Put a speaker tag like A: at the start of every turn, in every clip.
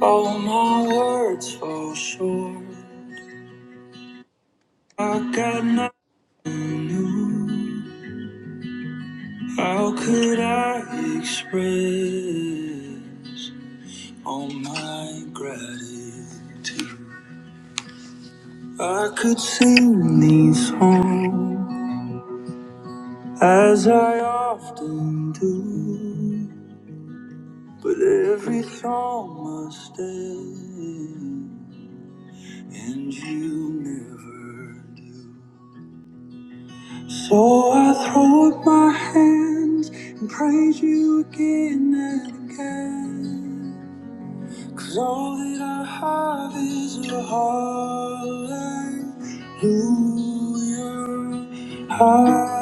A: All my words fall short. I got nothing new. How could I express all my gratitude? I could sing these songs as I often do, but every song must end, and you never do. So I throw up my hands and praise you again and again. 'Cause all that I have is a hallelujah. Hallelujah.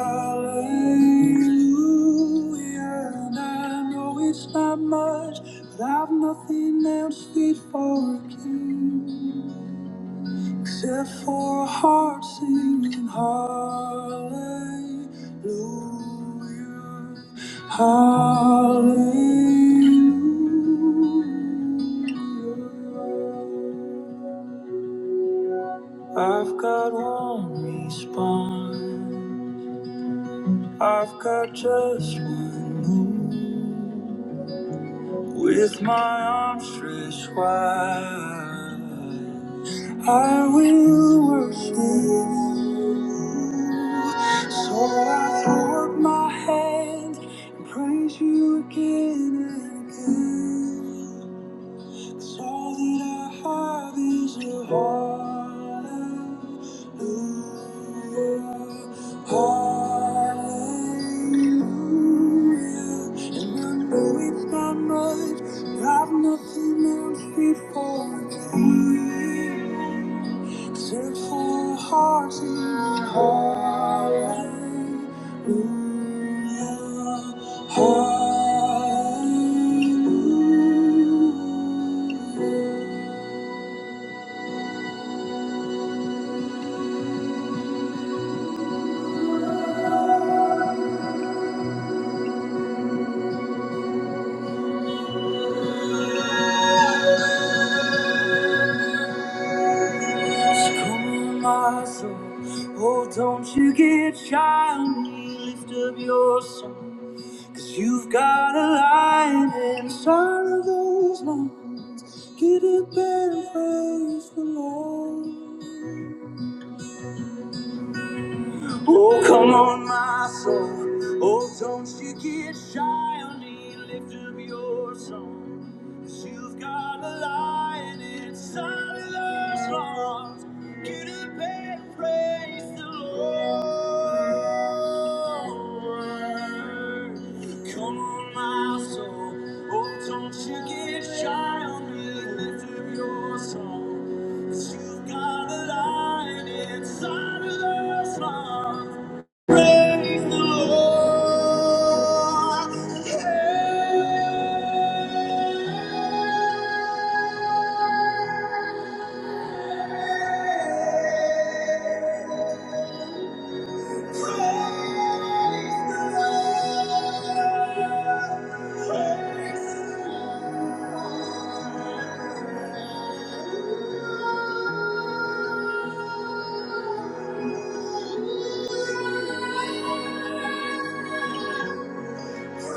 A: And I know it's not much, but I've nothing else fit for a king. Except for a heart singing hallelujah, hallelujah. I've got one response. I've got just one move. With my arms stretched wide, I will worship you. So I throw up my hands and praise you again and again. All that I have is a hallelujah, hallelujah. And I know it's not much, but I've nothing else before me except for a heart in a hallelujah. Come, my soul. Oh, don't you get shy on me. Lift up your song. Cause you've got a light inside of those lungs. Get up and praise the Lord. Oh, come on, my soul. Oh, don't you get shy on me. Lift up your song, you you've got a lion inside of those arms. Get up and praise the Lord. Come on, my soul. Oh, don't you get shy on me. Lift up your song. You got a light inside of us, Lord. Praise the Lord. Hey, praise the Lord. Praise the Lord. So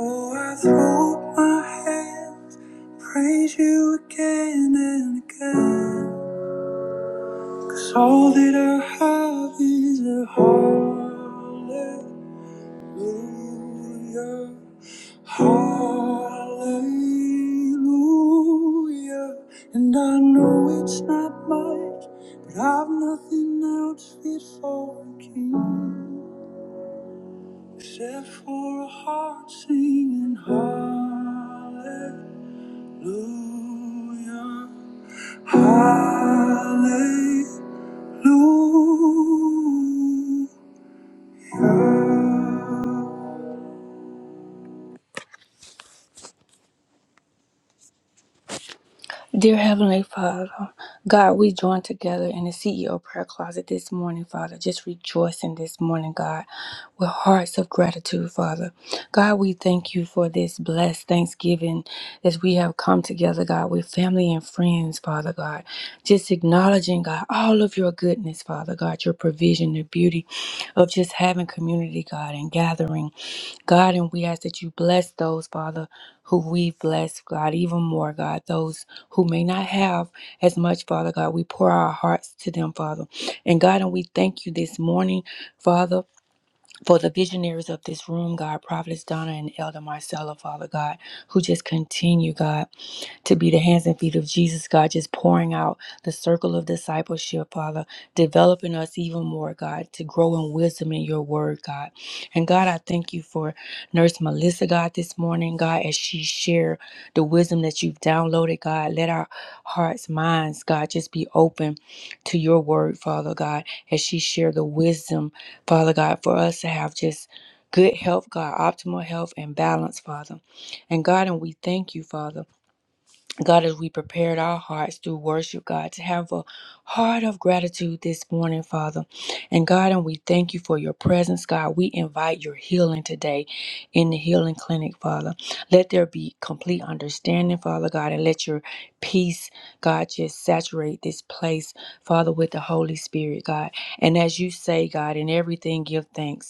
A: I throw up my hands, praise you again and again. 'Cause all that I have is a heart. Hallelujah. Hallelujah. And I know it's not much, but I've nothing else fit for a king except for a heart singing hallelujah. Hallelujah. Dear Heavenly Father, God, we join together in the CEO prayer closet this morning, Father, just rejoicing this morning, God, with hearts of gratitude, Father. God, we thank you for this blessed Thanksgiving as we have come together, God, with family and friends, Father God. Just acknowledging, God, all of your goodness, Father God, your provision, the beauty of just having community, God, and gathering. God, and we ask that you bless those, Father, who we bless, God, even more, God, those who may not have as much, Father God. We pour our hearts to them, Father. And God, and we thank you this morning, Father, for the visionaries of this room, God, Prophetess Donna and Elder Marcella, Father God, who just continue, God to be the hands and feet of Jesus, God, just pouring out the circle of discipleship, Father, developing us even more, God, to grow in wisdom in your word, God. And God, I thank you for Nurse Melissa, God, this morning, God, as she shared the wisdom that you've downloaded, God. Let our hearts, minds, God, just be open to your word, Father God, as she shared the wisdom, Father God, for us to have just good health, God, optimal health and balance, Father. And God, and we thank you, Father. God, as we prepared our hearts through worship, God, to have a heart of gratitude this morning, Father. And God, and we thank you for your presence, God. We invite your healing today in the healing clinic, Father. Let there be complete understanding, Father God, and let your peace, God, just saturate this place, Father, with the Holy Spirit, God. And as you say, God, in everything give thanks.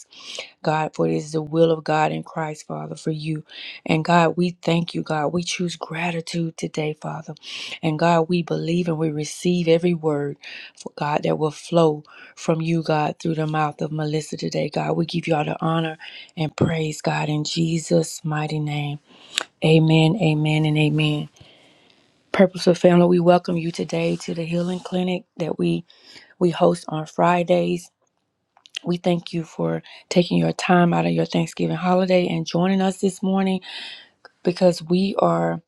A: God, for it is the will of God in Christ, Father, for you. And God, we thank you, God. We choose gratitude today, Father. And God, we believe and we receive every word, for God, that will flow from you, God, through the mouth of Melissa today. God, we give you all the honor and praise, God, in Jesus' mighty name. Amen, amen, and amen. Purposeful family, we welcome you today to the healing clinic that we we host on Fridays we thank you for taking your time out of your Thanksgiving holiday and joining us this morning because we are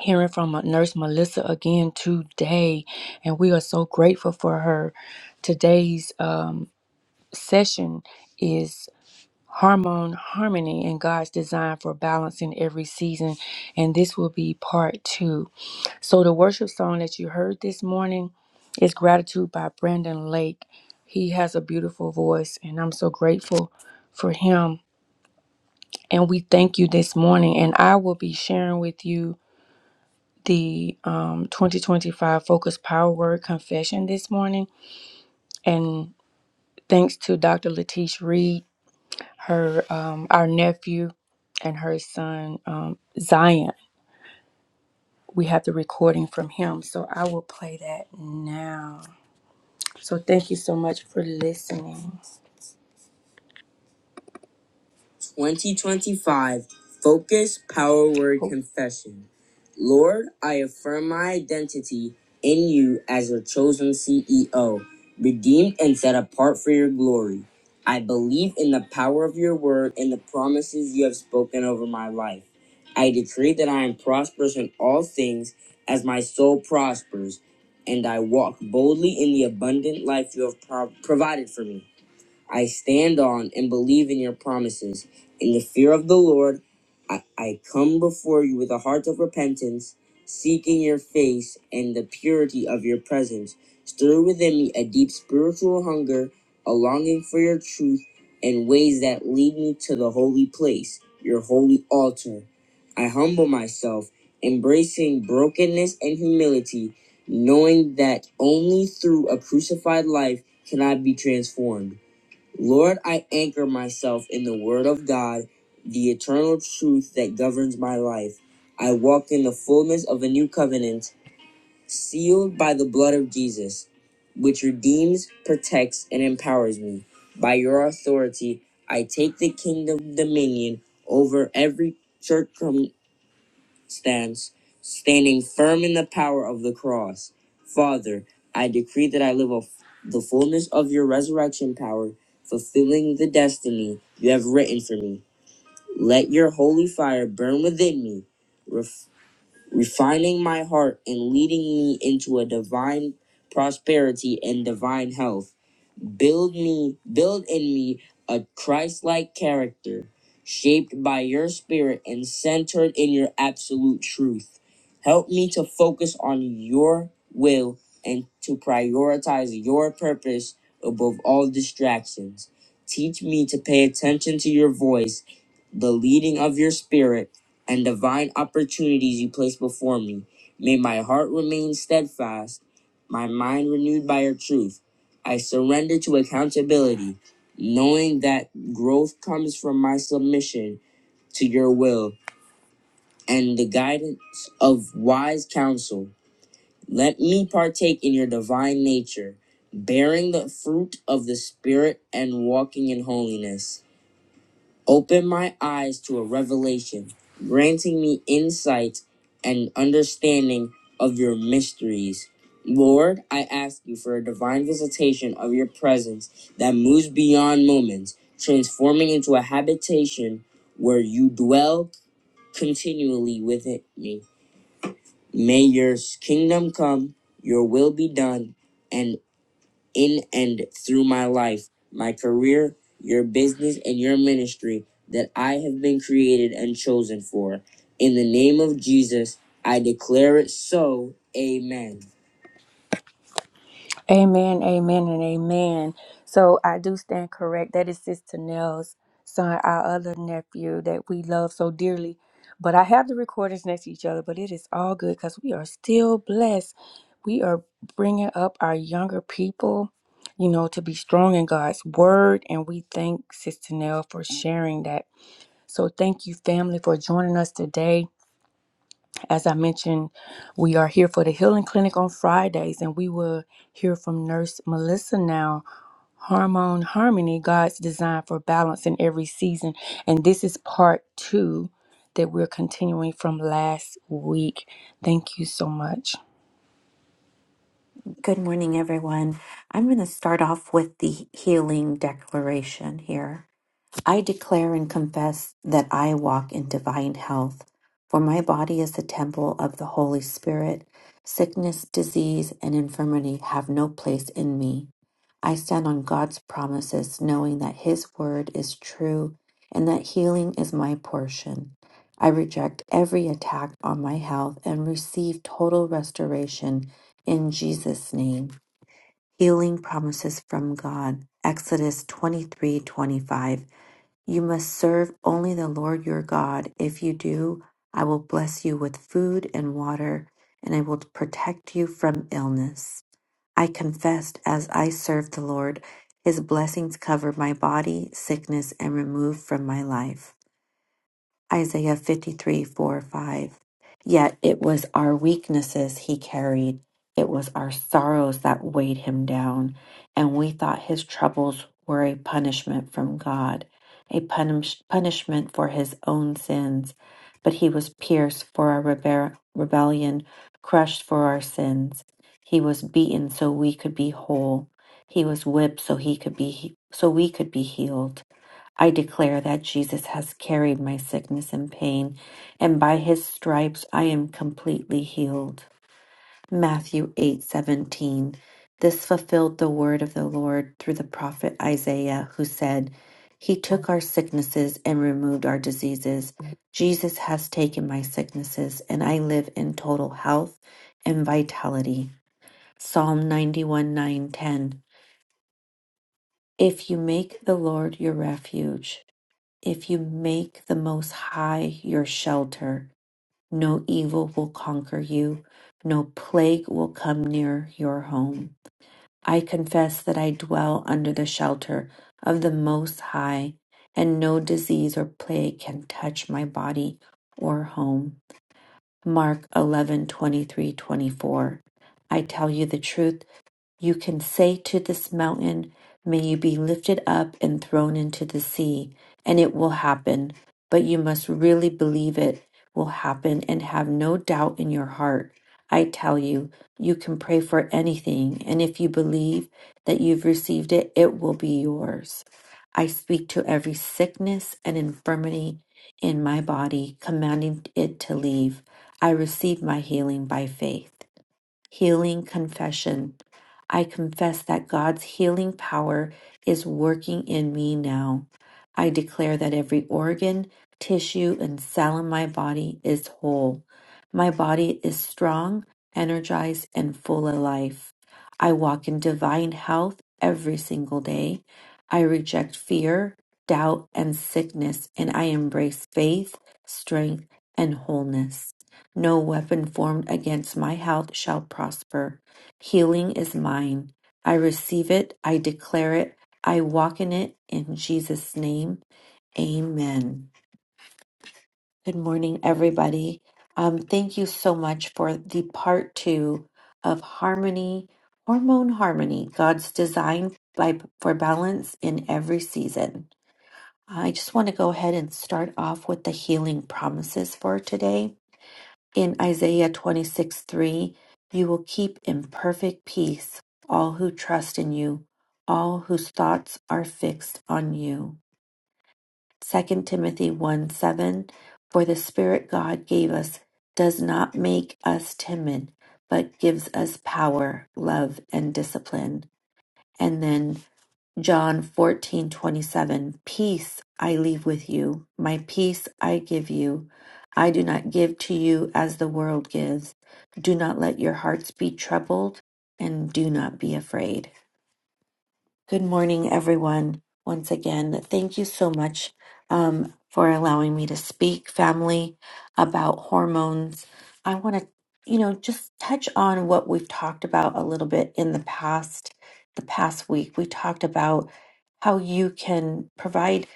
A: hearing from Nurse Melissa again today, and we are so grateful for her. Today's um, session is Hormone Harmony and God's Design for Balancing Every Season, and this will be part two. So the worship song that you heard this morning is Gratitude by Brandon Lake. He has a beautiful voice and I'm so grateful for him. And we thank you this morning. And I will be sharing with you the um, 2025 Focus Power Word Confession this morning. And thanks to Dr. Latish Reed, her um, our nephew and her son um, Zion. We have the recording from him. So I will play that now. So thank you so much for listening. 2025 Focus Power Word oh. Confession. Lord, I affirm my identity in you as your chosen CEO, redeemed and set apart for your glory. I believe in the power of your word and the promises you have spoken over my life. I decree that I am prosperous in all things as my soul prospers, and I walk boldly in the abundant life you have pro- provided for me. I stand on and believe in your promises. In the fear of the Lord, I, I come before you with a heart of repentance, seeking your face and the purity of your presence. Stir within me a deep spiritual hunger, a longing for your truth, and ways that lead me to the holy place, your holy altar. I humble myself, embracing brokenness and humility, knowing that only through a crucified life can I be transformed. Lord, I anchor myself in the Word of God, the eternal truth that governs my life. I walk in the fullness of a new covenant, sealed by the blood of Jesus, which redeems, protects, and empowers me. By your authority, I take the kingdom dominion over every circumstance stance, standing firm in the power of the cross. Father, I decree that I live of the fullness of your resurrection power, fulfilling the destiny you have written for me. Let your holy fire burn within me, refining my heart and leading me into a divine prosperity and divine health. Build me, build in me a Christ-like character, shaped by your spirit and centered in your absolute truth. Help me to focus on your will and to prioritize your purpose above all distractions. Teach me to pay attention to your voice, the leading of your spirit and divine opportunities you place before me. May my heart remain steadfast, my mind renewed by your truth. I surrender to accountability, knowing that growth comes from my submission to your will and the guidance of wise counsel. Let me partake in your divine nature, bearing the fruit of the Spirit and walking in holiness. Open my eyes to a revelation, granting me insight and understanding of your mysteries. Lord, I ask you for a divine visitation of your presence that moves beyond moments, transforming into a habitation where you dwell continually within me. May your kingdom come, your will be done, And in and through my life, my career, your business, and your ministry that I have been created and chosen for. In the name of Jesus, I declare it so. Amen. Amen, amen, and amen. So I do stand correct. That is Sister Nell's son, our other nephew that we love so dearly. But I have the recordings next to each other, but it is all good because we are still blessed. We are bringing up our younger people, you know, to be strong in God's word. And we thank Sister Nell for sharing that. So thank you, family, for joining us today. As I mentioned, we are here for the Healing Clinic on Fridays, and we will hear from Nurse Melissa now. Hormone Harmony God's Design for Balance in Every Season. And this is part two that we're continuing from last week. Thank you so much.
B: Good morning, everyone. I'm going to start off with the healing declaration here. I declare and confess that I walk in divine health, for my body is the temple of the Holy Spirit. Sickness, disease, and infirmity have no place in me. I stand on God's promises, knowing that His word is true and that healing is my portion. I reject every attack on my health and receive total restoration in Jesus' name healing promises from God. Exodus 23 25. You must serve only the Lord your God. If you do, I will bless you with food and water, and I will protect you from illness. I confessed as I served the Lord, his blessings covered my body, sickness, and removed from my life. Isaiah 53 4 5. Yet it was our weaknesses he carried, it was our sorrows that weighed him down, and we thought his troubles were a punishment from God, a punish- punishment for his own sins. But he was pierced for our rebe- rebellion, crushed for our sins. He was beaten so we could be whole. He was whipped so he could be he- so we could be healed. I declare that Jesus has carried my sickness and pain, and by his stripes I am completely healed. Matthew 8:17 This fulfilled the word of the Lord through the prophet Isaiah, who said, "He took our sicknesses and removed our diseases. Jesus has taken my sicknesses, and I live in total health and vitality." Psalm ninety one nine ten. If you make the Lord your refuge, if you make the Most High your shelter, no evil will conquer you, no plague will come near your home. I confess that I dwell under the shelter of the Most High, and no disease or plague can touch my body or home. Mark 11 23 24. I tell you the truth. You can say to this mountain, May you be lifted up and thrown into the sea, and it will happen. But you must really believe it will happen and have no doubt in your heart. I tell you, you can pray for anything, and if you believe that you've received it, it will be yours. I speak to every sickness and infirmity in my body, commanding it to leave. I receive my healing by faith. Healing confession. I confess that God's healing power is working in me now. I declare that every organ, tissue, and cell in my body is whole. My body is strong, energized, and full of life. I walk in divine health every single day. I reject fear, doubt, and sickness, and I embrace faith, strength, and wholeness. No weapon formed against my health shall prosper. Healing is mine. I receive it. I declare it. I walk in it in Jesus' name. Amen. Good morning, everybody. Um, thank you so much for the part two of Harmony, Hormone Harmony, God's Design by, for Balance in Every Season. I just want to go ahead and start off with the healing promises for today. In Isaiah 26 3, you will keep in perfect peace all who trust in you, all whose thoughts are fixed on you. Second Timothy 1 7, for the Spirit God gave us does not make us timid, but gives us power, love, and discipline. And then John 14:27 Peace I leave with you my peace I give you I do not give to you as the world gives do not let your hearts be troubled and do not be afraid Good morning, everyone. Once again, thank you so much um, for allowing me to speak, family, about hormones. I want to, you know, just touch on what we've talked about a little bit in the past. The past week, we talked about how you can provide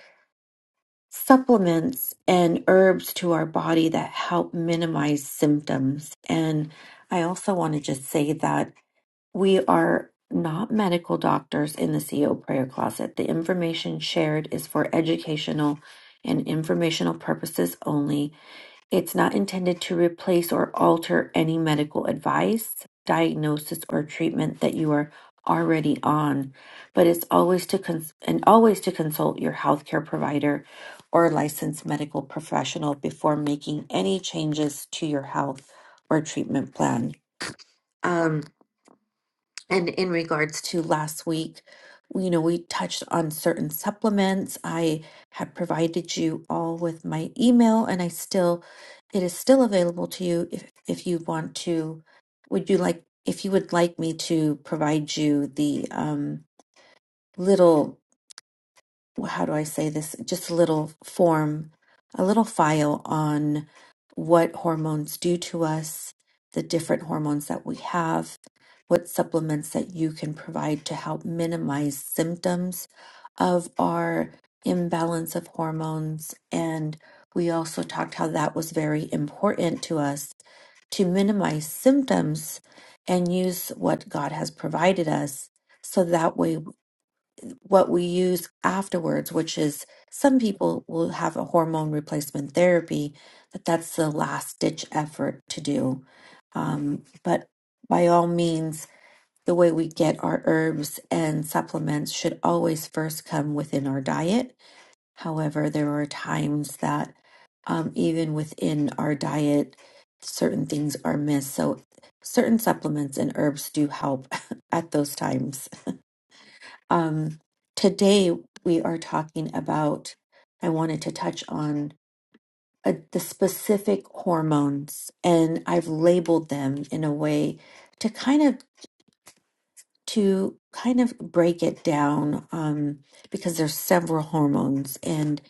B: supplements and herbs to our body that help minimize symptoms. And I also want to just say that we are not medical doctors in the CEO prayer closet. The information shared is for educational and informational purposes only. It's not intended to replace or alter any medical advice, diagnosis, or treatment that you are already on, but it's always to cons- and always to consult your healthcare provider or licensed medical professional before making any changes to your health or treatment plan. Um, and in regards to last week, you know, we touched on certain supplements. I had provided you all with my email and I still it is still available to you if if you want to would you like if you would like me to provide you the um little how do I say this? Just a little form, a little file on what hormones do to us, the different hormones that we have, what supplements that you can provide to help minimize symptoms of our imbalance of hormones. And we also talked how that was very important to us to minimize symptoms and use what God has provided us. So that way what we use afterwards, which is some people will have a hormone replacement therapy, that that's the last ditch effort to do. Um, but by all means, the way we get our herbs and supplements should always first come within our diet. However, there are times that um, even within our diet, certain things are missed. So, certain supplements and herbs do help at those times. Um, today, we are talking about, I wanted to touch on uh, the specific hormones, and I've labeled them in a way to kind of to kind of break it down um, because there's several hormones and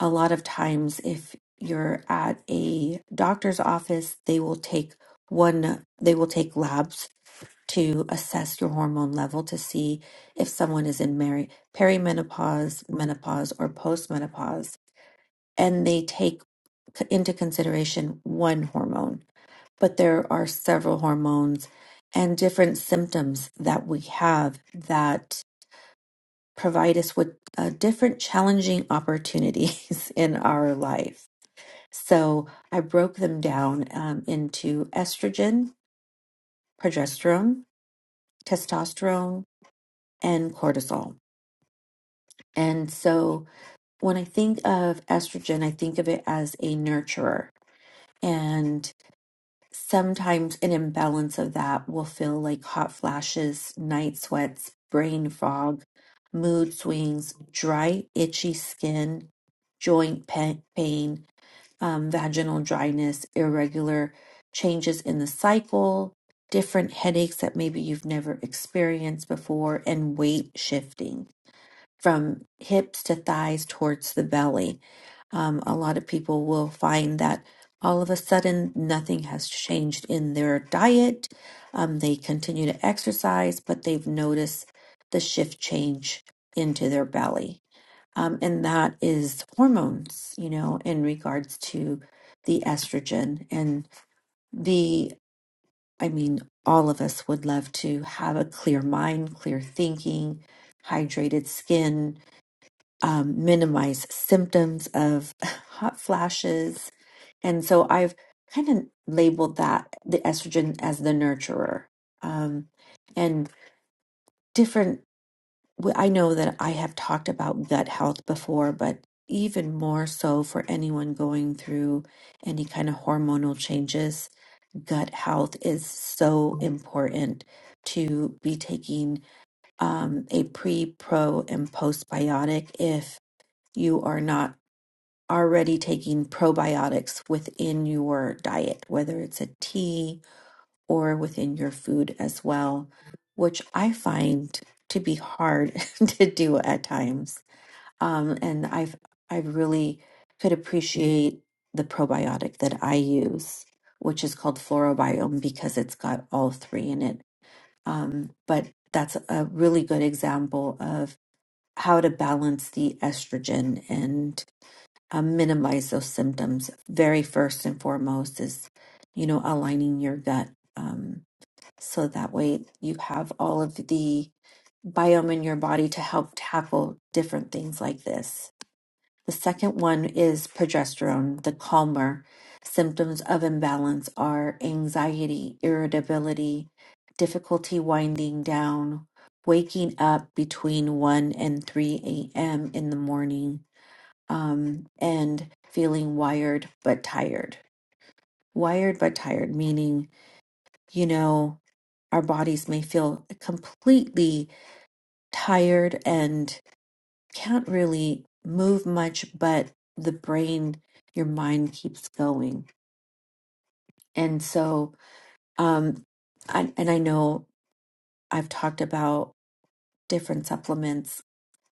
B: a lot of times if you're at a doctor's office they will take one they will take labs to assess your hormone level to see if someone is in meri- perimenopause, menopause, or postmenopause. And they take c- into consideration one hormone, but there are several hormones and different symptoms that we have that provide us with uh, different challenging opportunities in our life. So I broke them down um, into estrogen, progesterone, testosterone, and cortisol. And so when I think of estrogen, I think of it as a nurturer. And sometimes an imbalance of that will feel like hot flashes, night sweats, brain fog, mood swings, dry, itchy skin, joint pa- pain, um, vaginal dryness, irregular changes in the cycle, different headaches that maybe you've never experienced before, and weight shifting from hips to thighs towards the belly. Um, a lot of people will find that all of a sudden nothing has changed in their diet. Um, they continue to exercise, but they've noticed the shift change into their belly. Um, and that is hormones, you know, in regards to the estrogen and the, I mean, all of us would love to have a clear mind, clear thinking, hydrated skin, um, minimize symptoms of hot flashes. And so I've kind of labeled that the estrogen as the nurturer. Um, and different, I know that I have talked about gut health before, but even more so for anyone going through any kind of hormonal changes, gut health is so important to be taking um, a pre, pro, and postbiotic if you are not already taking probiotics within your diet, whether it's a tea or within your food as well, which I find to be hard to do at times. Um, and I've I really could appreciate the probiotic that I use, which is called Florobiome because it's got all three in it. Um, but that's a really good example of how to balance the estrogen and uh, minimize those symptoms. Very first and foremost is, you know, aligning your gut. Um, so that way you have all of the biome in your body to help tackle different things like this. The second one is progesterone, the calmer. Symptoms of imbalance are anxiety, irritability, difficulty winding down, waking up between 1 and 3 a.m. in the morning, um, and feeling wired but tired. Wired but tired, meaning, you know, our bodies may feel completely tired and can't really move much, but the brain, your mind keeps going. And so, um, I, and I know I've talked about different supplements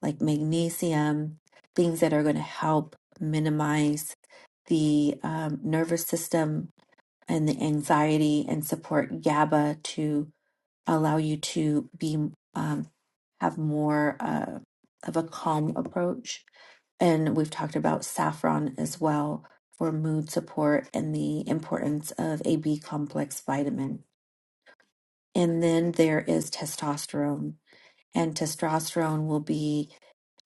B: like magnesium, things that are going to help minimize the um, nervous system and the anxiety and support GABA to allow you to be um, have more uh, of a calm approach. And we've talked about saffron as well for mood support and the importance of a B complex vitamin. And then there is testosterone, and testosterone will be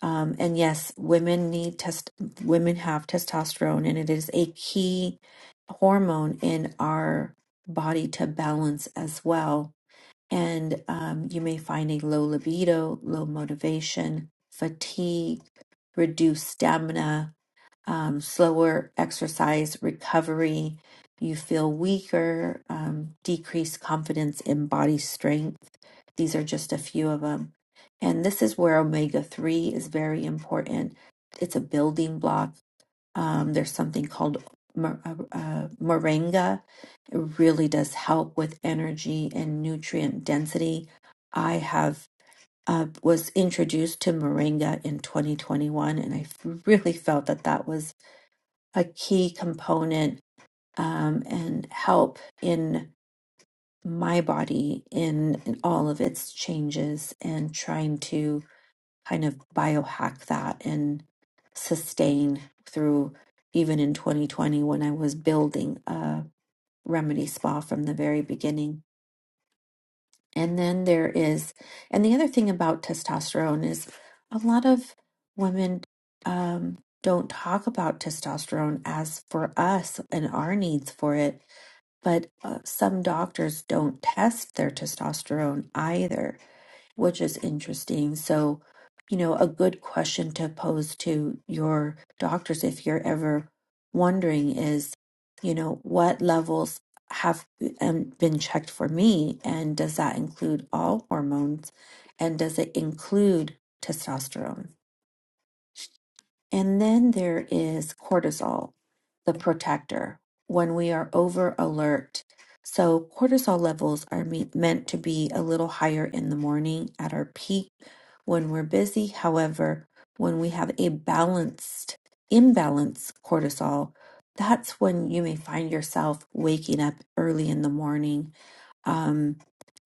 B: um, and yes, women need test. Women have testosterone, and it is a key hormone in our body to balance as well. And um, you may find a low libido, low motivation, fatigue, reduced stamina, um, slower exercise recovery. You feel weaker, um, decreased confidence in body strength. These are just a few of them. And this is where omega 3 is very important. It's a building block. Um, there's something called mor- uh, uh, moringa. It really does help with energy and nutrient density. I have uh, was introduced to moringa in 2021, and I really felt that that was a key component um, and help in my body in, in all of its changes and trying to kind of biohack that and sustain through even in 2020 when I was building a remedy spa from the very beginning. And then there is, and the other thing about testosterone is a lot of women um, don't talk about testosterone as for us and our needs for it but uh, some doctors don't test their testosterone either, which is interesting. So, you know, a good question to pose to your doctors if you're ever wondering is, you know, what levels have um, been checked for me? And does that include all hormones? And does it include testosterone? And then there is cortisol, the protector, when we are over alert. So, cortisol levels are me- meant to be a little higher in the morning at our peak when we're busy. However, when we have a balanced, imbalanced cortisol, that's when you may find yourself waking up early in the morning. Um,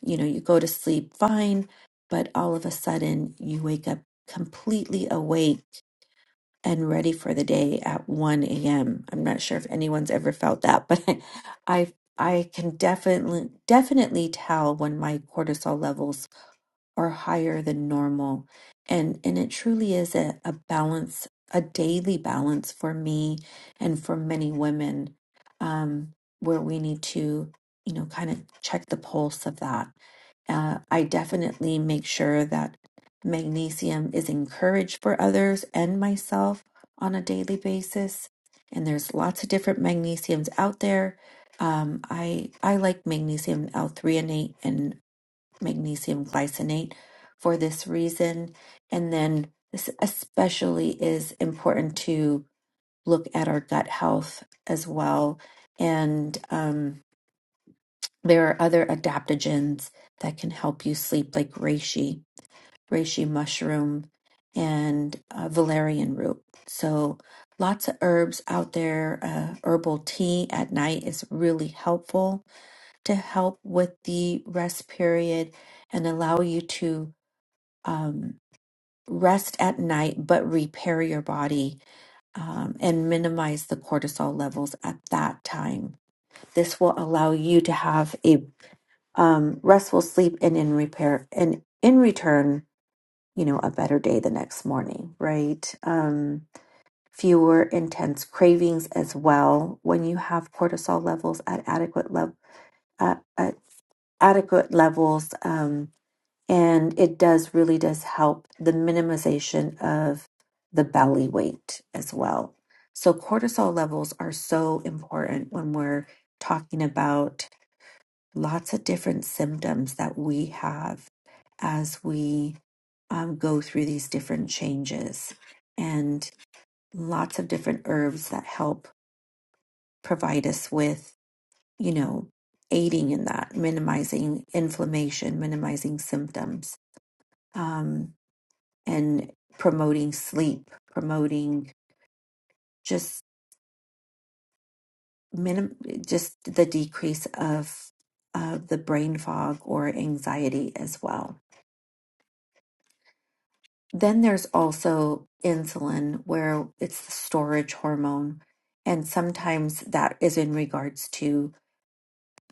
B: you know, you go to sleep fine, but all of a sudden you wake up completely awake and ready for the day at 1 a.m. I'm not sure if anyone's ever felt that, but I I can definitely definitely tell when my cortisol levels are higher than normal. And and it truly is a, a balance, a daily balance for me and for many women, um, where we need to, you know, kind of check the pulse of that uh, I definitely make sure that magnesium is encouraged for others and myself on a daily basis. And there's lots of different magnesiums out there. Um, I I like magnesium L-threonate and magnesium glycinate for this reason. And then this especially is important to look at our gut health as well. And um, there are other adaptogens that can help you sleep, like reishi, reishi mushroom, and uh, valerian root. So, lots of herbs out there. Uh, herbal tea at night is really helpful to help with the rest period and allow you to um, rest at night but repair your body um, and minimize the cortisol levels at that time. This will allow you to have a um, restful sleep and in repair and in return you know a better day the next morning right um, fewer intense cravings as well when you have cortisol levels at adequate level at, at adequate levels um, and it does really does help the minimization of the belly weight as well so cortisol levels are so important when we're talking about lots of different symptoms that we have as we um, go through these different changes and lots of different herbs that help provide us with, you know, aiding in that, minimizing inflammation, minimizing symptoms, um, and promoting sleep, promoting just minim- just the decrease of of the brain fog or anxiety as well. Then there's also insulin, where it's the storage hormone. And sometimes that is in regards to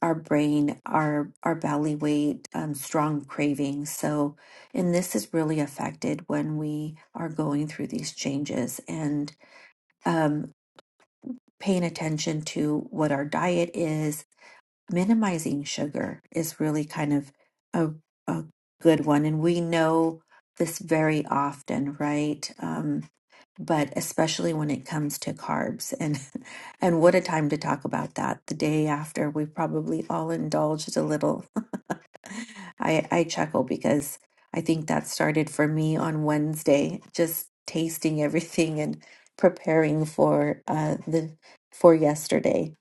B: our brain, our, our belly weight, um, strong cravings. So, and this is really affected when we are going through these changes and um, paying attention to what our diet is. Minimizing sugar is really kind of a, a good one. And we know this very often, right? Um, but especially when it comes to carbs and and what a time to talk about that the day after we probably all indulged a little i i chuckle because i think that started for me on wednesday just tasting everything and preparing for uh the for yesterday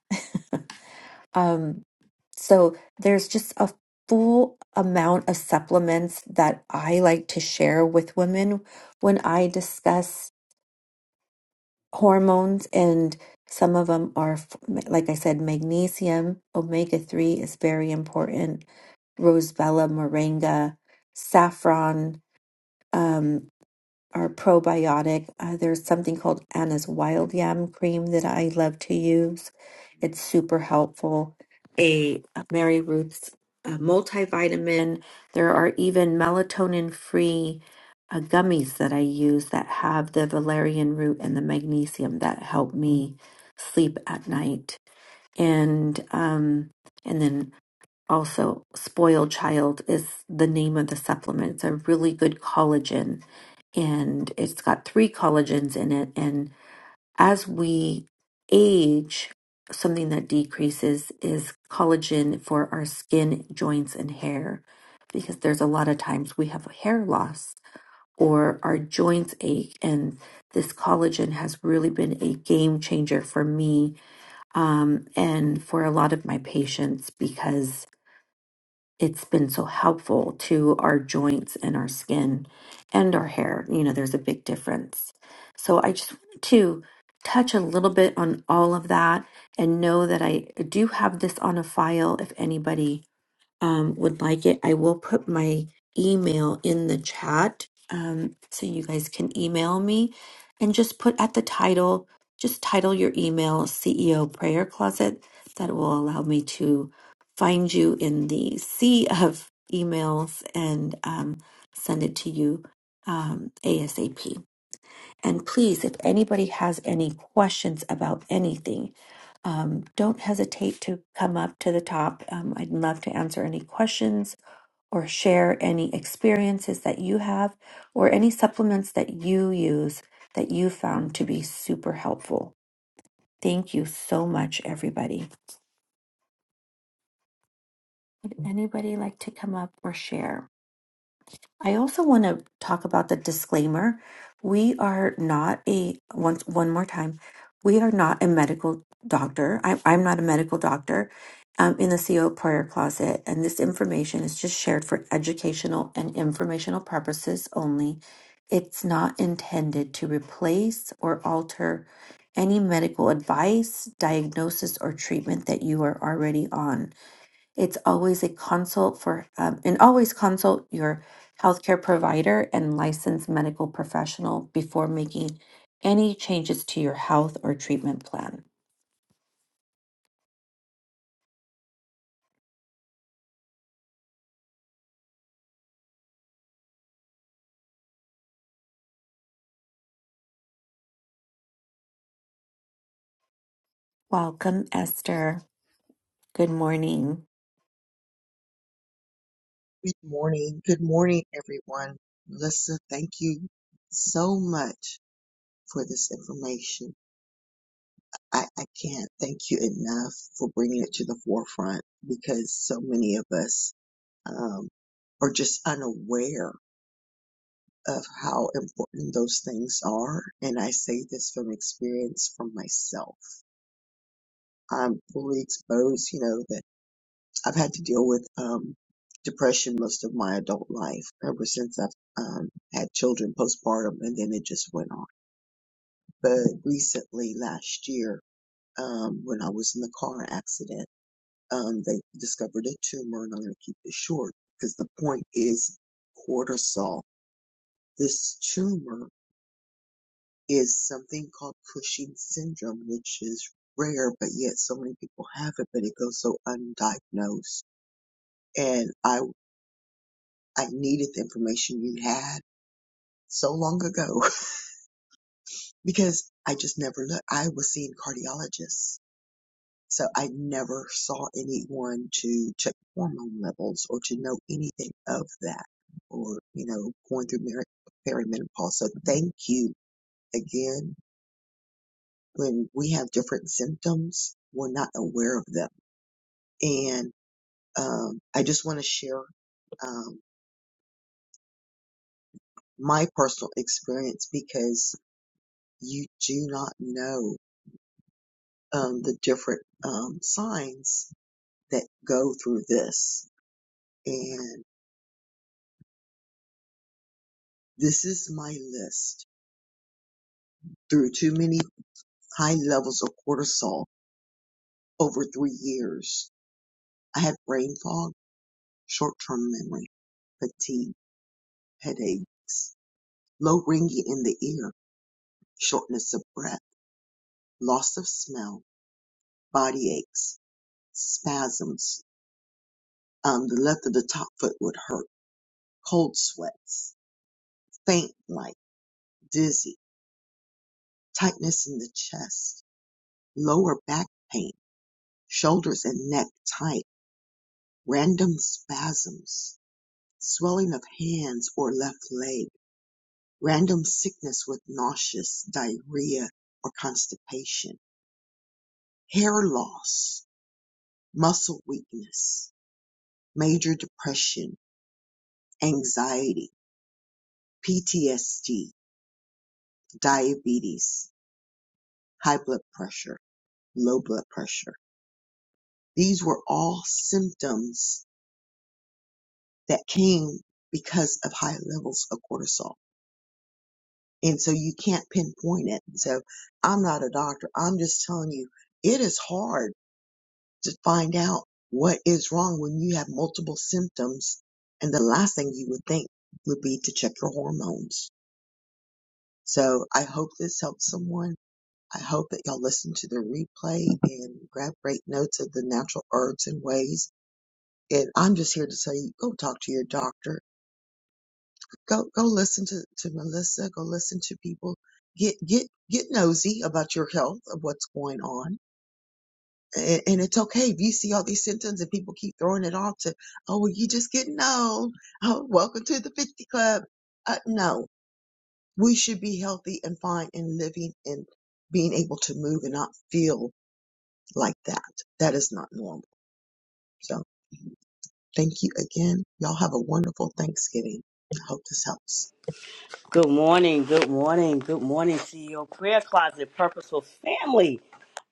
B: um so there's just a full amount of supplements that i like to share with women when i discuss hormones and some of them are f- like i said magnesium omega 3 is very important rosebella moringa saffron um, or probiotic. Uh, there's something called Anna's Wild Yam Cream that I love to use. It's super helpful. A uh, Mary Ruth's uh, multivitamin. There are even melatonin free uh, gummies that I use that have the valerian root and the magnesium that help me sleep at night. And um, and then also spoiled child is the name of the supplement it's a really good collagen and it's got three collagens in it and as we age something that decreases is collagen for our skin joints and hair because there's a lot of times we have hair loss or our joints ache and this collagen has really been a game changer for me um, and for a lot of my patients because it's been so helpful to our joints and our skin and our hair. You know, there's a big difference. So I just wanted to touch a little bit on all of that and know that I do have this on a file if anybody um, would like it, I will put my email in the chat um, so you guys can email me and just put at the title, just title your email CEO Prayer Closet. That will allow me to find you in the sea of emails and um, send it to you um, ASAP. And please, if anybody has any questions about anything, um, don't hesitate to come up to the top. Um, I'd love to answer any questions or share any experiences that you have or any supplements that you use that you found to be super helpful. Thank you so much, everybody. Would anybody like to come up or share? I also want to talk about the disclaimer. We are not a once one more time. We are not a medical doctor. I, I'm not a medical doctor. i in the CO prayer closet, and this information is just shared for educational and informational purposes only. It's not intended to replace or alter any medical advice, diagnosis, or treatment that you are already on. It's always a consult for, um, and always consult your healthcare provider and licensed medical professional before making any changes to your health or treatment plan. Welcome, Esther. Good morning.
C: Good morning. Good morning, everyone. Melissa, thank you so much for this information. I, I can't thank you enough for bringing it to the forefront because so many of us um, are just unaware of how important those things are. And I say this from experience from myself. I'm fully exposed, you know, that. I've had to deal with um, depression most of my adult life, ever since I've um, had children postpartum, and then it just went on. But recently, last year, um, when I was in the car accident, um, they discovered a tumor, and I'm going to keep it short because the point is cortisol. This tumor is something called Cushing syndrome, which is rare, but yet so many people have it, but it goes so undiagnosed. And I I needed the information you had so long ago because I just never looked. I was seeing cardiologists. So I never saw anyone to check hormone levels or to know anything of that or, you know, going through mer- perimenopause. So thank you again. When we have different symptoms, we're not aware of them. And, um, I just want to share, um, my personal experience because you do not know um, the different um, signs that go through this. And this is my list through too many high levels of cortisol over three years. I had brain fog, short term memory, fatigue, headaches, low ringing in the ear, shortness of breath, loss of smell, body aches, spasms. Um, the left of the top foot would hurt, cold sweats, faint light, dizzy, tightness in the chest, Lower back pain, shoulders and neck tight, random spasms, swelling of hands or left leg, random sickness with nauseous diarrhea or constipation, hair loss, muscle weakness, major depression, anxiety, PTSD, diabetes, high blood pressure, low blood pressure. These were all symptoms that came because of high levels of cortisol. And so you can't pinpoint it. So I'm not a doctor. I'm just telling you, it is hard to find out what is wrong when you have multiple symptoms. And the last thing you would think would be to check your hormones. So I hope this helps someone. I hope that y'all listen to the replay and grab great notes of the natural herbs and ways. And I'm just here to tell you, go talk to your doctor go go listen to, to Melissa, go listen to people. Get get get nosy about your health of what's going on. And, and it's okay if you see all these symptoms and people keep throwing it off to, oh, well, you just getting old. Oh, welcome to the 50 club. Uh, no, we should be healthy and fine and living and being able to move and not feel like that. That is not normal. So thank you again. Y'all have a wonderful Thanksgiving. I hope this helps.
D: Good morning, good morning, good morning, CEO Prayer Closet Purposeful Family.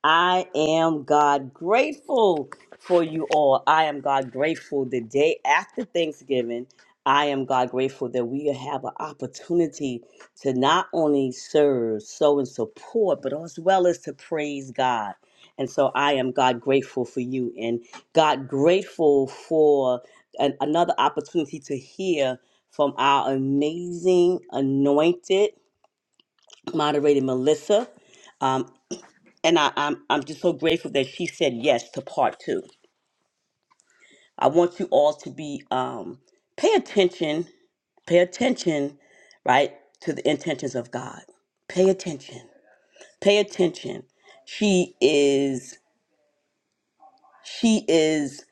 D: I am God grateful for you all. I am God grateful the day after Thanksgiving. I am God grateful that we have an opportunity to not only serve, sow, and support, but as well as to praise God. And so I am God grateful for you and God grateful for an, another opportunity to hear from our amazing, anointed moderator, Melissa. Um, and I, I'm, I'm just so grateful that she said yes to part two. I want you all to be, um, pay attention, pay attention, right, to the intentions of God. Pay attention, pay attention. She is, she is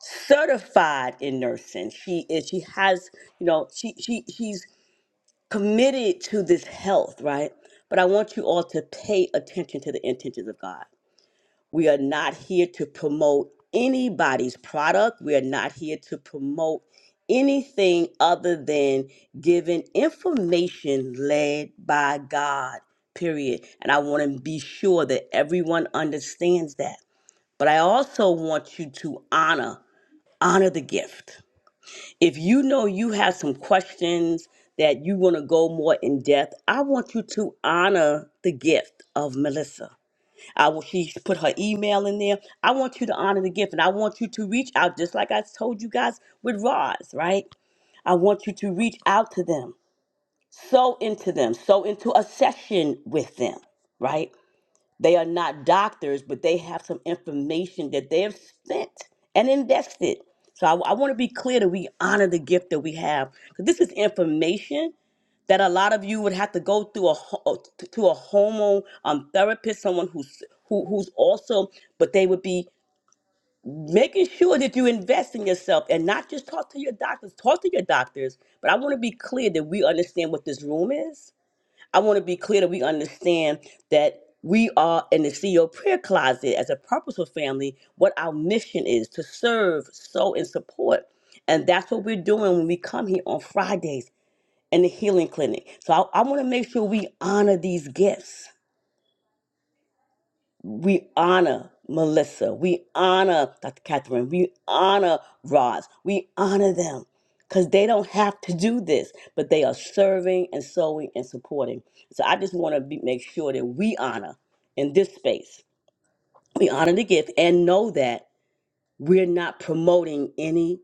D: certified in nursing. She is, she has, you know, she, she, she's committed to this health, right? But I want you all to pay attention to the intentions of God. We are not here to promote anybody's product. We are not here to promote anything other than giving information led by God, period. And I want to be sure that everyone understands that. But I also want you to honor, honor the gift if you know you have some questions that you want to go more in depth, I want you to honor the gift of Melissa. I will, she put her email in there. I want you to honor the gift and I want you to reach out, just like I told you guys with Roz, right? I want you to reach out to them, sow into them, sow into a session with them, right? They are not doctors, but they have some information that they have spent and invested. So I, I want to be clear that we honor the gift that we have. 'Cause this is information that a lot of you would have to go through a ho- to a hormone um, therapist, someone who's who, who's also, but they would be making sure that you invest in yourself and not just talk to your doctors. Talk to your doctors, but I want to be clear that we understand what this room is I want to be clear that we understand that we are in the CEO prayer closet as a purposeful family, what our mission is to serve, sow, and support. And that's what we're doing when we come here on Fridays in the healing clinic. So I, I want to make sure we honor these gifts we honor Melissa. We honor Dr. Catherine. We honor Roz. We honor them because they don't have to do this, but they are serving and sowing and supporting. So I just want to be, make sure that we honor in this space. We honor the gift and know that we're not promoting any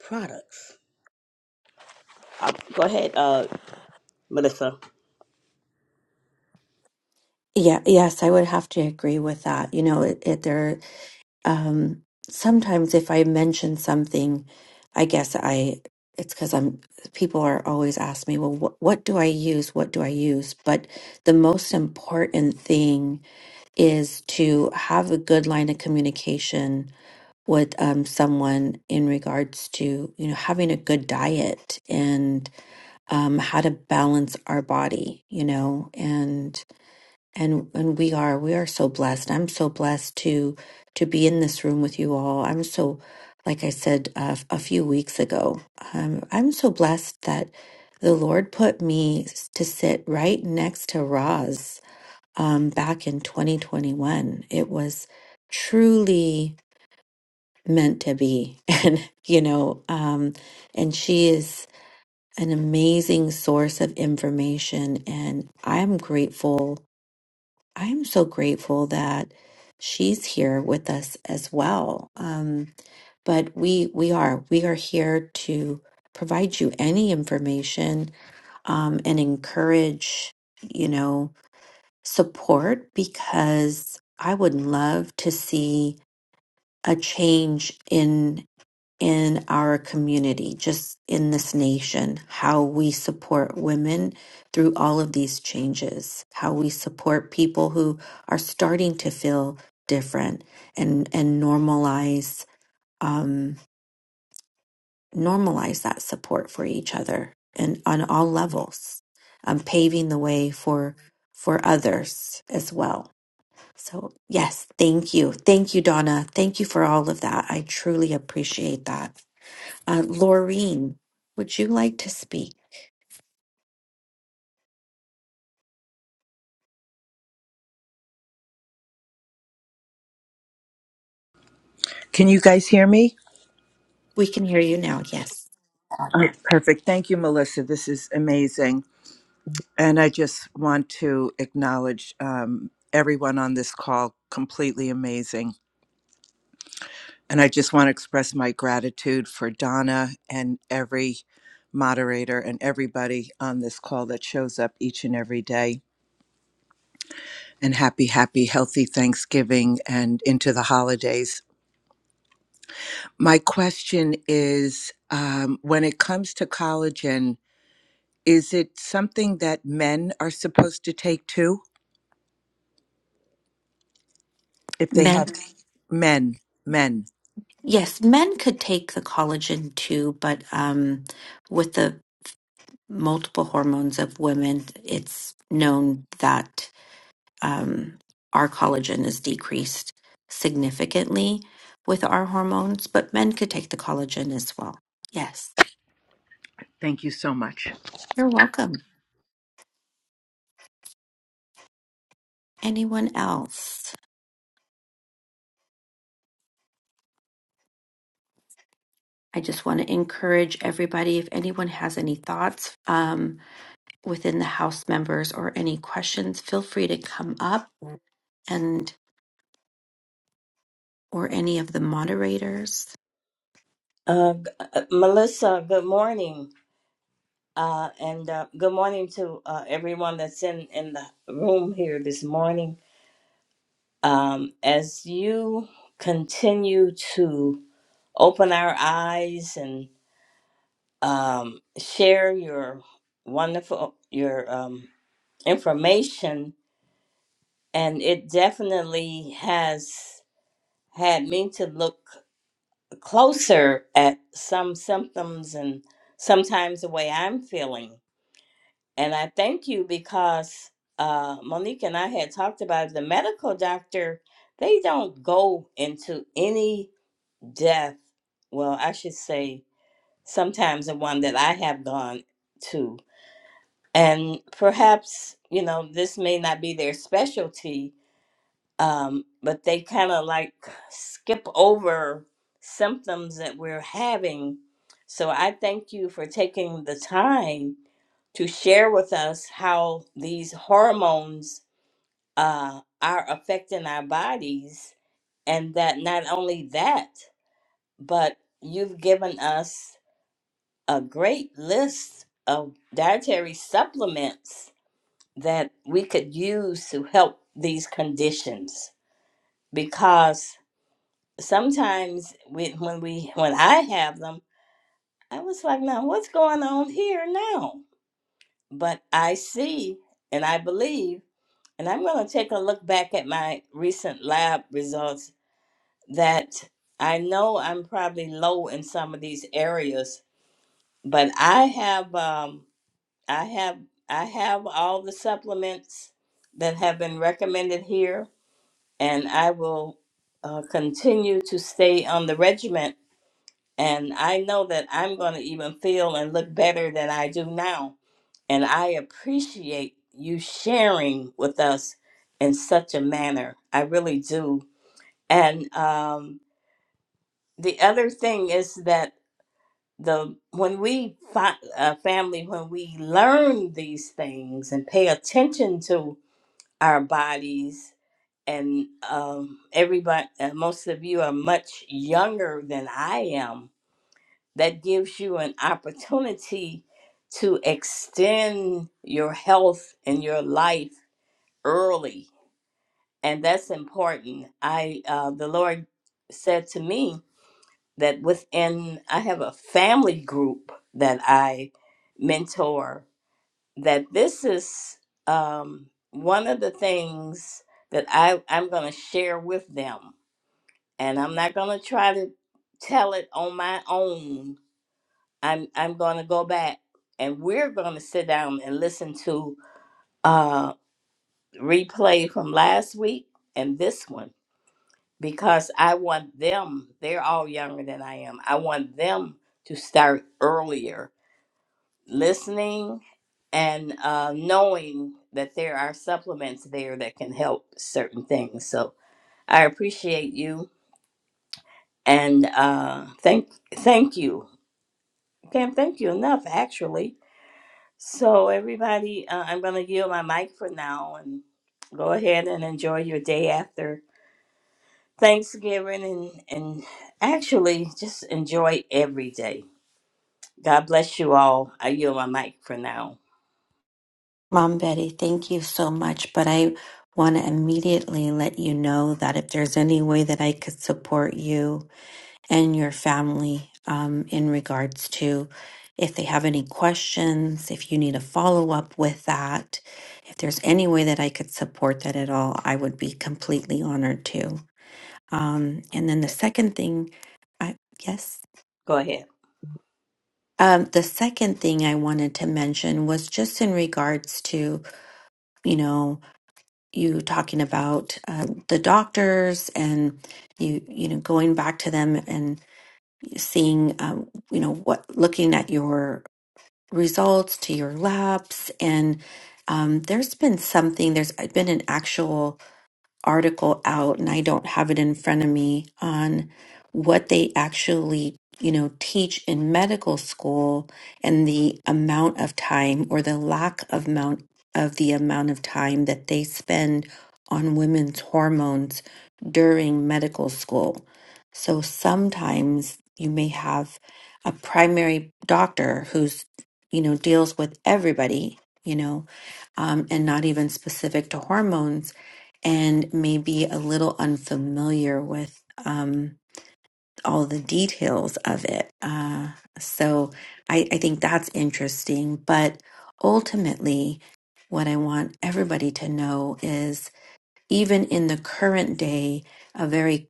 D: products. Uh, go ahead, uh, Melissa.
B: Yeah, yes, I would have to agree with that. You know, it, it there um sometimes if I mention something, I guess I it's because I'm people are always asking me, well, what what do I use? What do I use? But the most important thing is to have a good line of communication with um, someone in regards to you know having a good diet and um, how to balance our body you know and and and we are we are so blessed i'm so blessed to to be in this room with you all i'm so like i said uh, a few weeks ago um, i'm so blessed that the lord put me to sit right next to Roz um, back in 2021. It was truly meant to be. And, you know, um, and she is an amazing source of information. And I'm grateful. I am so grateful that she's here with us as well. Um, but we we are we are here to provide you any information um, and encourage you know support because I would love to see a change in in our community, just in this nation, how we support women through all of these changes, how we support people who are starting to feel different and and normalize um, normalize that support for each other and on all levels, um, paving the way for for others as well. So, yes, thank you. Thank you, Donna. Thank you for all of that. I truly appreciate that. Uh, Laureen, would you like to speak?
E: Can you guys hear me?
B: We can hear you now. Yes.
E: Oh, perfect. Thank you, Melissa. This is amazing. And I just want to acknowledge um, everyone on this call, completely amazing. And I just want to express my gratitude for Donna and every moderator and everybody on this call that shows up each and every day. And happy, happy, healthy Thanksgiving and into the holidays. My question is um, when it comes to collagen, Is it something that men are supposed to take too? If they
B: Men,
E: have men, men.
B: yes, men could take the collagen too, but um, with the multiple hormones of women, it's known that um, our collagen is decreased significantly with our hormones, but men could take the collagen as well. Yes,
E: Thank you so much.
B: you're welcome. anyone else? I just want to encourage everybody if anyone has any thoughts um, within the house members or any questions, feel free to come up and or any of the moderators.
F: Uh, g- uh, Melissa, good morning. Uh, and uh, good morning to uh, everyone that's in, in the room here this morning. Um, as you continue to open our eyes and um, share your wonderful your um, information, and it definitely has had me to look closer at some symptoms and sometimes the way I'm feeling And I thank you because uh, Monique and I had talked about it. the medical doctor, they don't go into any death. Well, I should say sometimes the one that I have gone to. And perhaps, you know, this may not be their specialty, um, but they kind of like skip over symptoms that we're having. So I thank you for taking the time to share with us how these hormones uh, are affecting our bodies, and that not only that, but you've given us a great list of dietary supplements that we could use to help these conditions because sometimes we, when we when i have them i was like now what's going on here now but i see and i believe And I'm going to take a look back at my recent lab results that I know I'm probably low in some of these areas, but I have um, I have I have all the supplements that have been recommended here, and I will uh, continue to stay on the regiment. And I know that I'm going to even feel and look better than I do now and I appreciate you sharing with us in such a manner. I really do. And um, the other thing is that the when we fi- uh, family when we learn these things and pay attention to our bodies and um, everybody uh, most of you are much younger than I am that gives you an opportunity to extend your health and your life early and that's important i uh, the lord said to me that within i have a family group that i mentor that this is um, one of the things that I, i'm going to share with them and i'm not going to try to tell it on my own i'm, I'm going to go back and we're going to sit down and listen to uh, replay from last week and this one because I want them, they're all younger than I am. I want them to start earlier listening and uh, knowing that there are supplements there that can help certain things. So I appreciate you and uh, thank thank you. Can't thank you enough, actually. So everybody, uh, I'm going to yield my mic for now and go ahead and enjoy your day after Thanksgiving and, and actually just enjoy every day. God bless you all. I yield my mic for now.
B: Mom Betty, thank you so much, but I want to immediately let you know that if there's any way that I could support you and your family um, in regards to if they have any questions, if you need a follow up with that, if there's any way that I could support that at all, I would be completely honored to. Um, and then the second thing, I, yes.
F: Go ahead.
B: Um, the second thing I wanted to mention was just in regards to, you know, you talking about uh, the doctors and you, you know, going back to them seeing, um, you know, what looking at your results to your labs, and um, there's been something. There's uh, been an actual article out and I don't have it in front of me on what they actually, you know, teach in medical school and the amount of time or the lack of amount of the amount of time that they spend on women's hormones during medical school. So sometimes you may have a primary doctor who's, you know, deals with everybody, you know, um, and not even specific to hormones and maybe a little unfamiliar with um, all the details of it. Uh, so I, I think that's interesting. But ultimately, what I want everybody to know is even in the current day, a very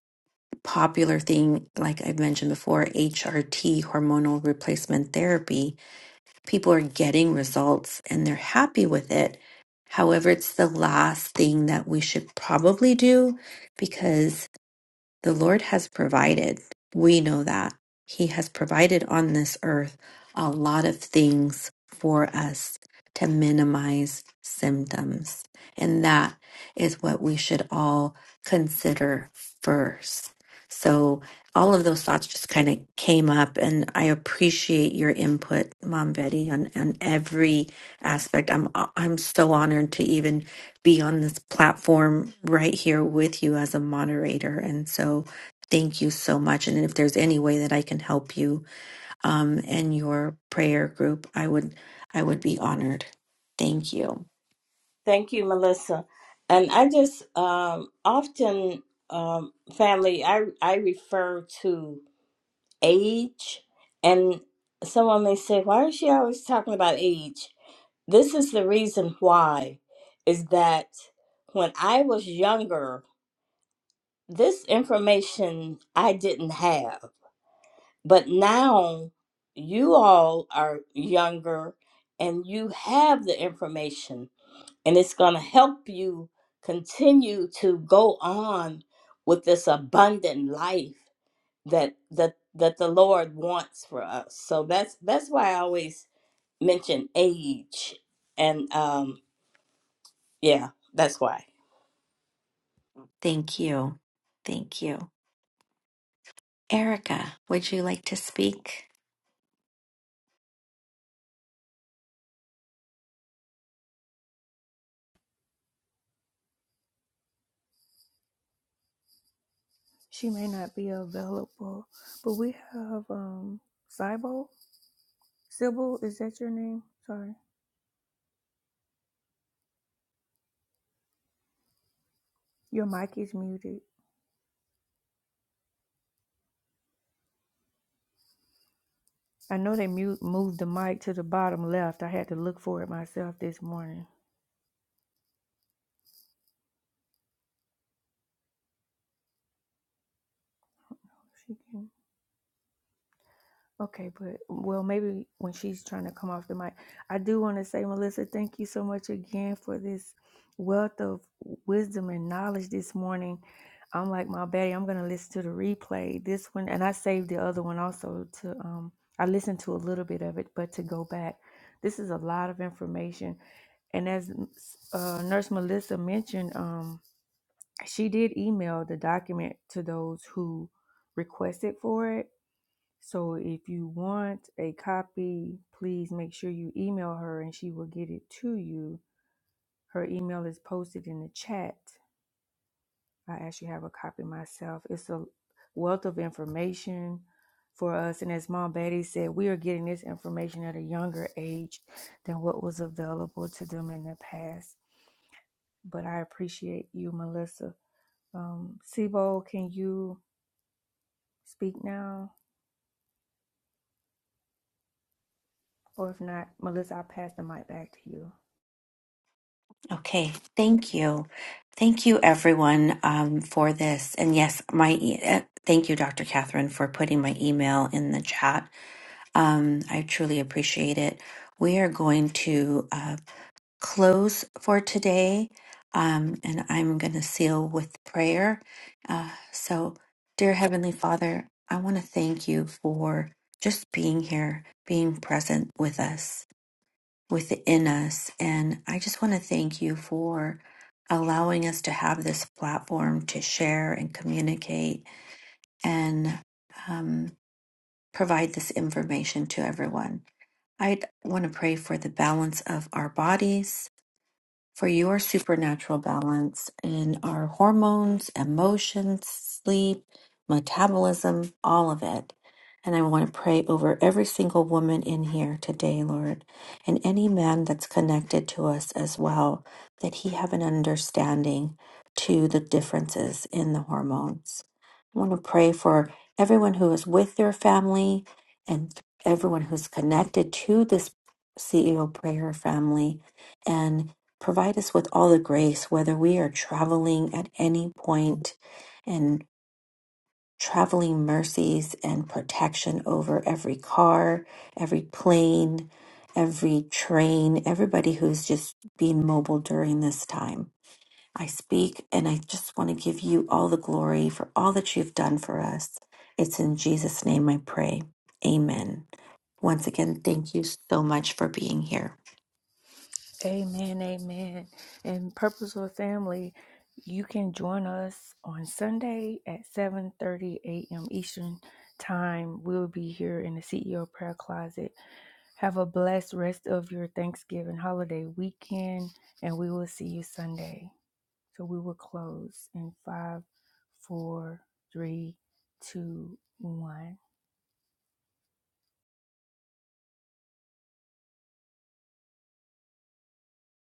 B: popular thing, like I've mentioned before, HRT, hormonal replacement therapy, people are getting results and they're happy with it. However, it's the last thing that we should probably do because the Lord has provided. We know that. He has provided on this earth a lot of things for us to minimize symptoms. And that is what we should all consider first. So, all of those thoughts just kind of came up, and I appreciate your input, Mom Betty, on, on every aspect. I'm I'm so honored to even be on this platform right here with you as a moderator. And so thank you so much. And if there's any way that I can help you um, and your prayer group, I would I would be honored. Thank you.
F: Thank you, Melissa. And I just um, often, um, family, I, I refer to age, and someone may say, Why is she always talking about age? this is the reason why is that when I was younger, this information I didn't have. But now you all are younger and you have the information, and it's going to help you continue to go on with this abundant life that that that the Lord wants for us. So that's that's why I always mention age and um yeah, that's why.
B: Thank you. Thank you. Erica, would you like to speak?
A: She may not be available, but we have um Sybil. Sybil, is that your name? Sorry, your mic is muted. I know they mute, moved the mic to the bottom left. I had to look for it myself this morning. She can. Okay, but well, maybe when she's trying to come off the mic, I do want to say, Melissa, thank you so much again for this wealth of wisdom and knowledge this morning. I'm like my baddie. I'm gonna listen to the replay this one, and I saved the other one also to. Um, I listened to a little bit of it, but to go back, this is a lot of information. And as uh, Nurse Melissa mentioned, um, she did email the document to those who requested for it So if you want a copy, please make sure you email her and she will get it to you. Her email is posted in the chat. I actually have a copy myself. It's a wealth of information for us. And as Mom Betty said, we are getting this information at a younger age than what was available to them in the past. But I appreciate you, Melissa. Um, Sibo, can you speak now? Or if not, Melissa, I'll pass the mic back to you.
B: Okay, thank you. Thank you, everyone, um, for this. And yes, my e- uh, thank you, Dr. Catherine, for putting my email in the chat Um, I truly appreciate it. We are going to uh, close for today, um, and I'm going to seal with prayer. Uh, so, dear Heavenly Father, I want to thank you for just being here, being present with us, within us. And I just want to thank you for allowing us to have this platform to share and communicate and um, provide this information to everyone. I'd want to pray for the balance of our bodies, for your supernatural balance in our hormones, emotions, sleep, metabolism, all of it. And I want to pray over every single woman in here today, Lord, and any man that's connected to us as well, that he have an understanding to the differences in the hormones. I want to pray for everyone who is with their family and everyone who's connected to this CEO prayer family. Provide us with all the grace, whether we are traveling at any point, and traveling mercies and protection over every car, every plane, every train, everybody who's just being mobile during this time. I speak and I just want to give you all the glory for all that you've done for us. It's in Jesus' name I pray. Amen. Once again, thank you so much for being here.
A: Amen, amen. And Purposeful Family, you can join us on Sunday at 7:30 a.m. Eastern Time. We'll be here in the CEO Prayer Closet. Have a blessed rest of your Thanksgiving holiday weekend, and we will see you Sunday. So we will close in five, four, three, two, one.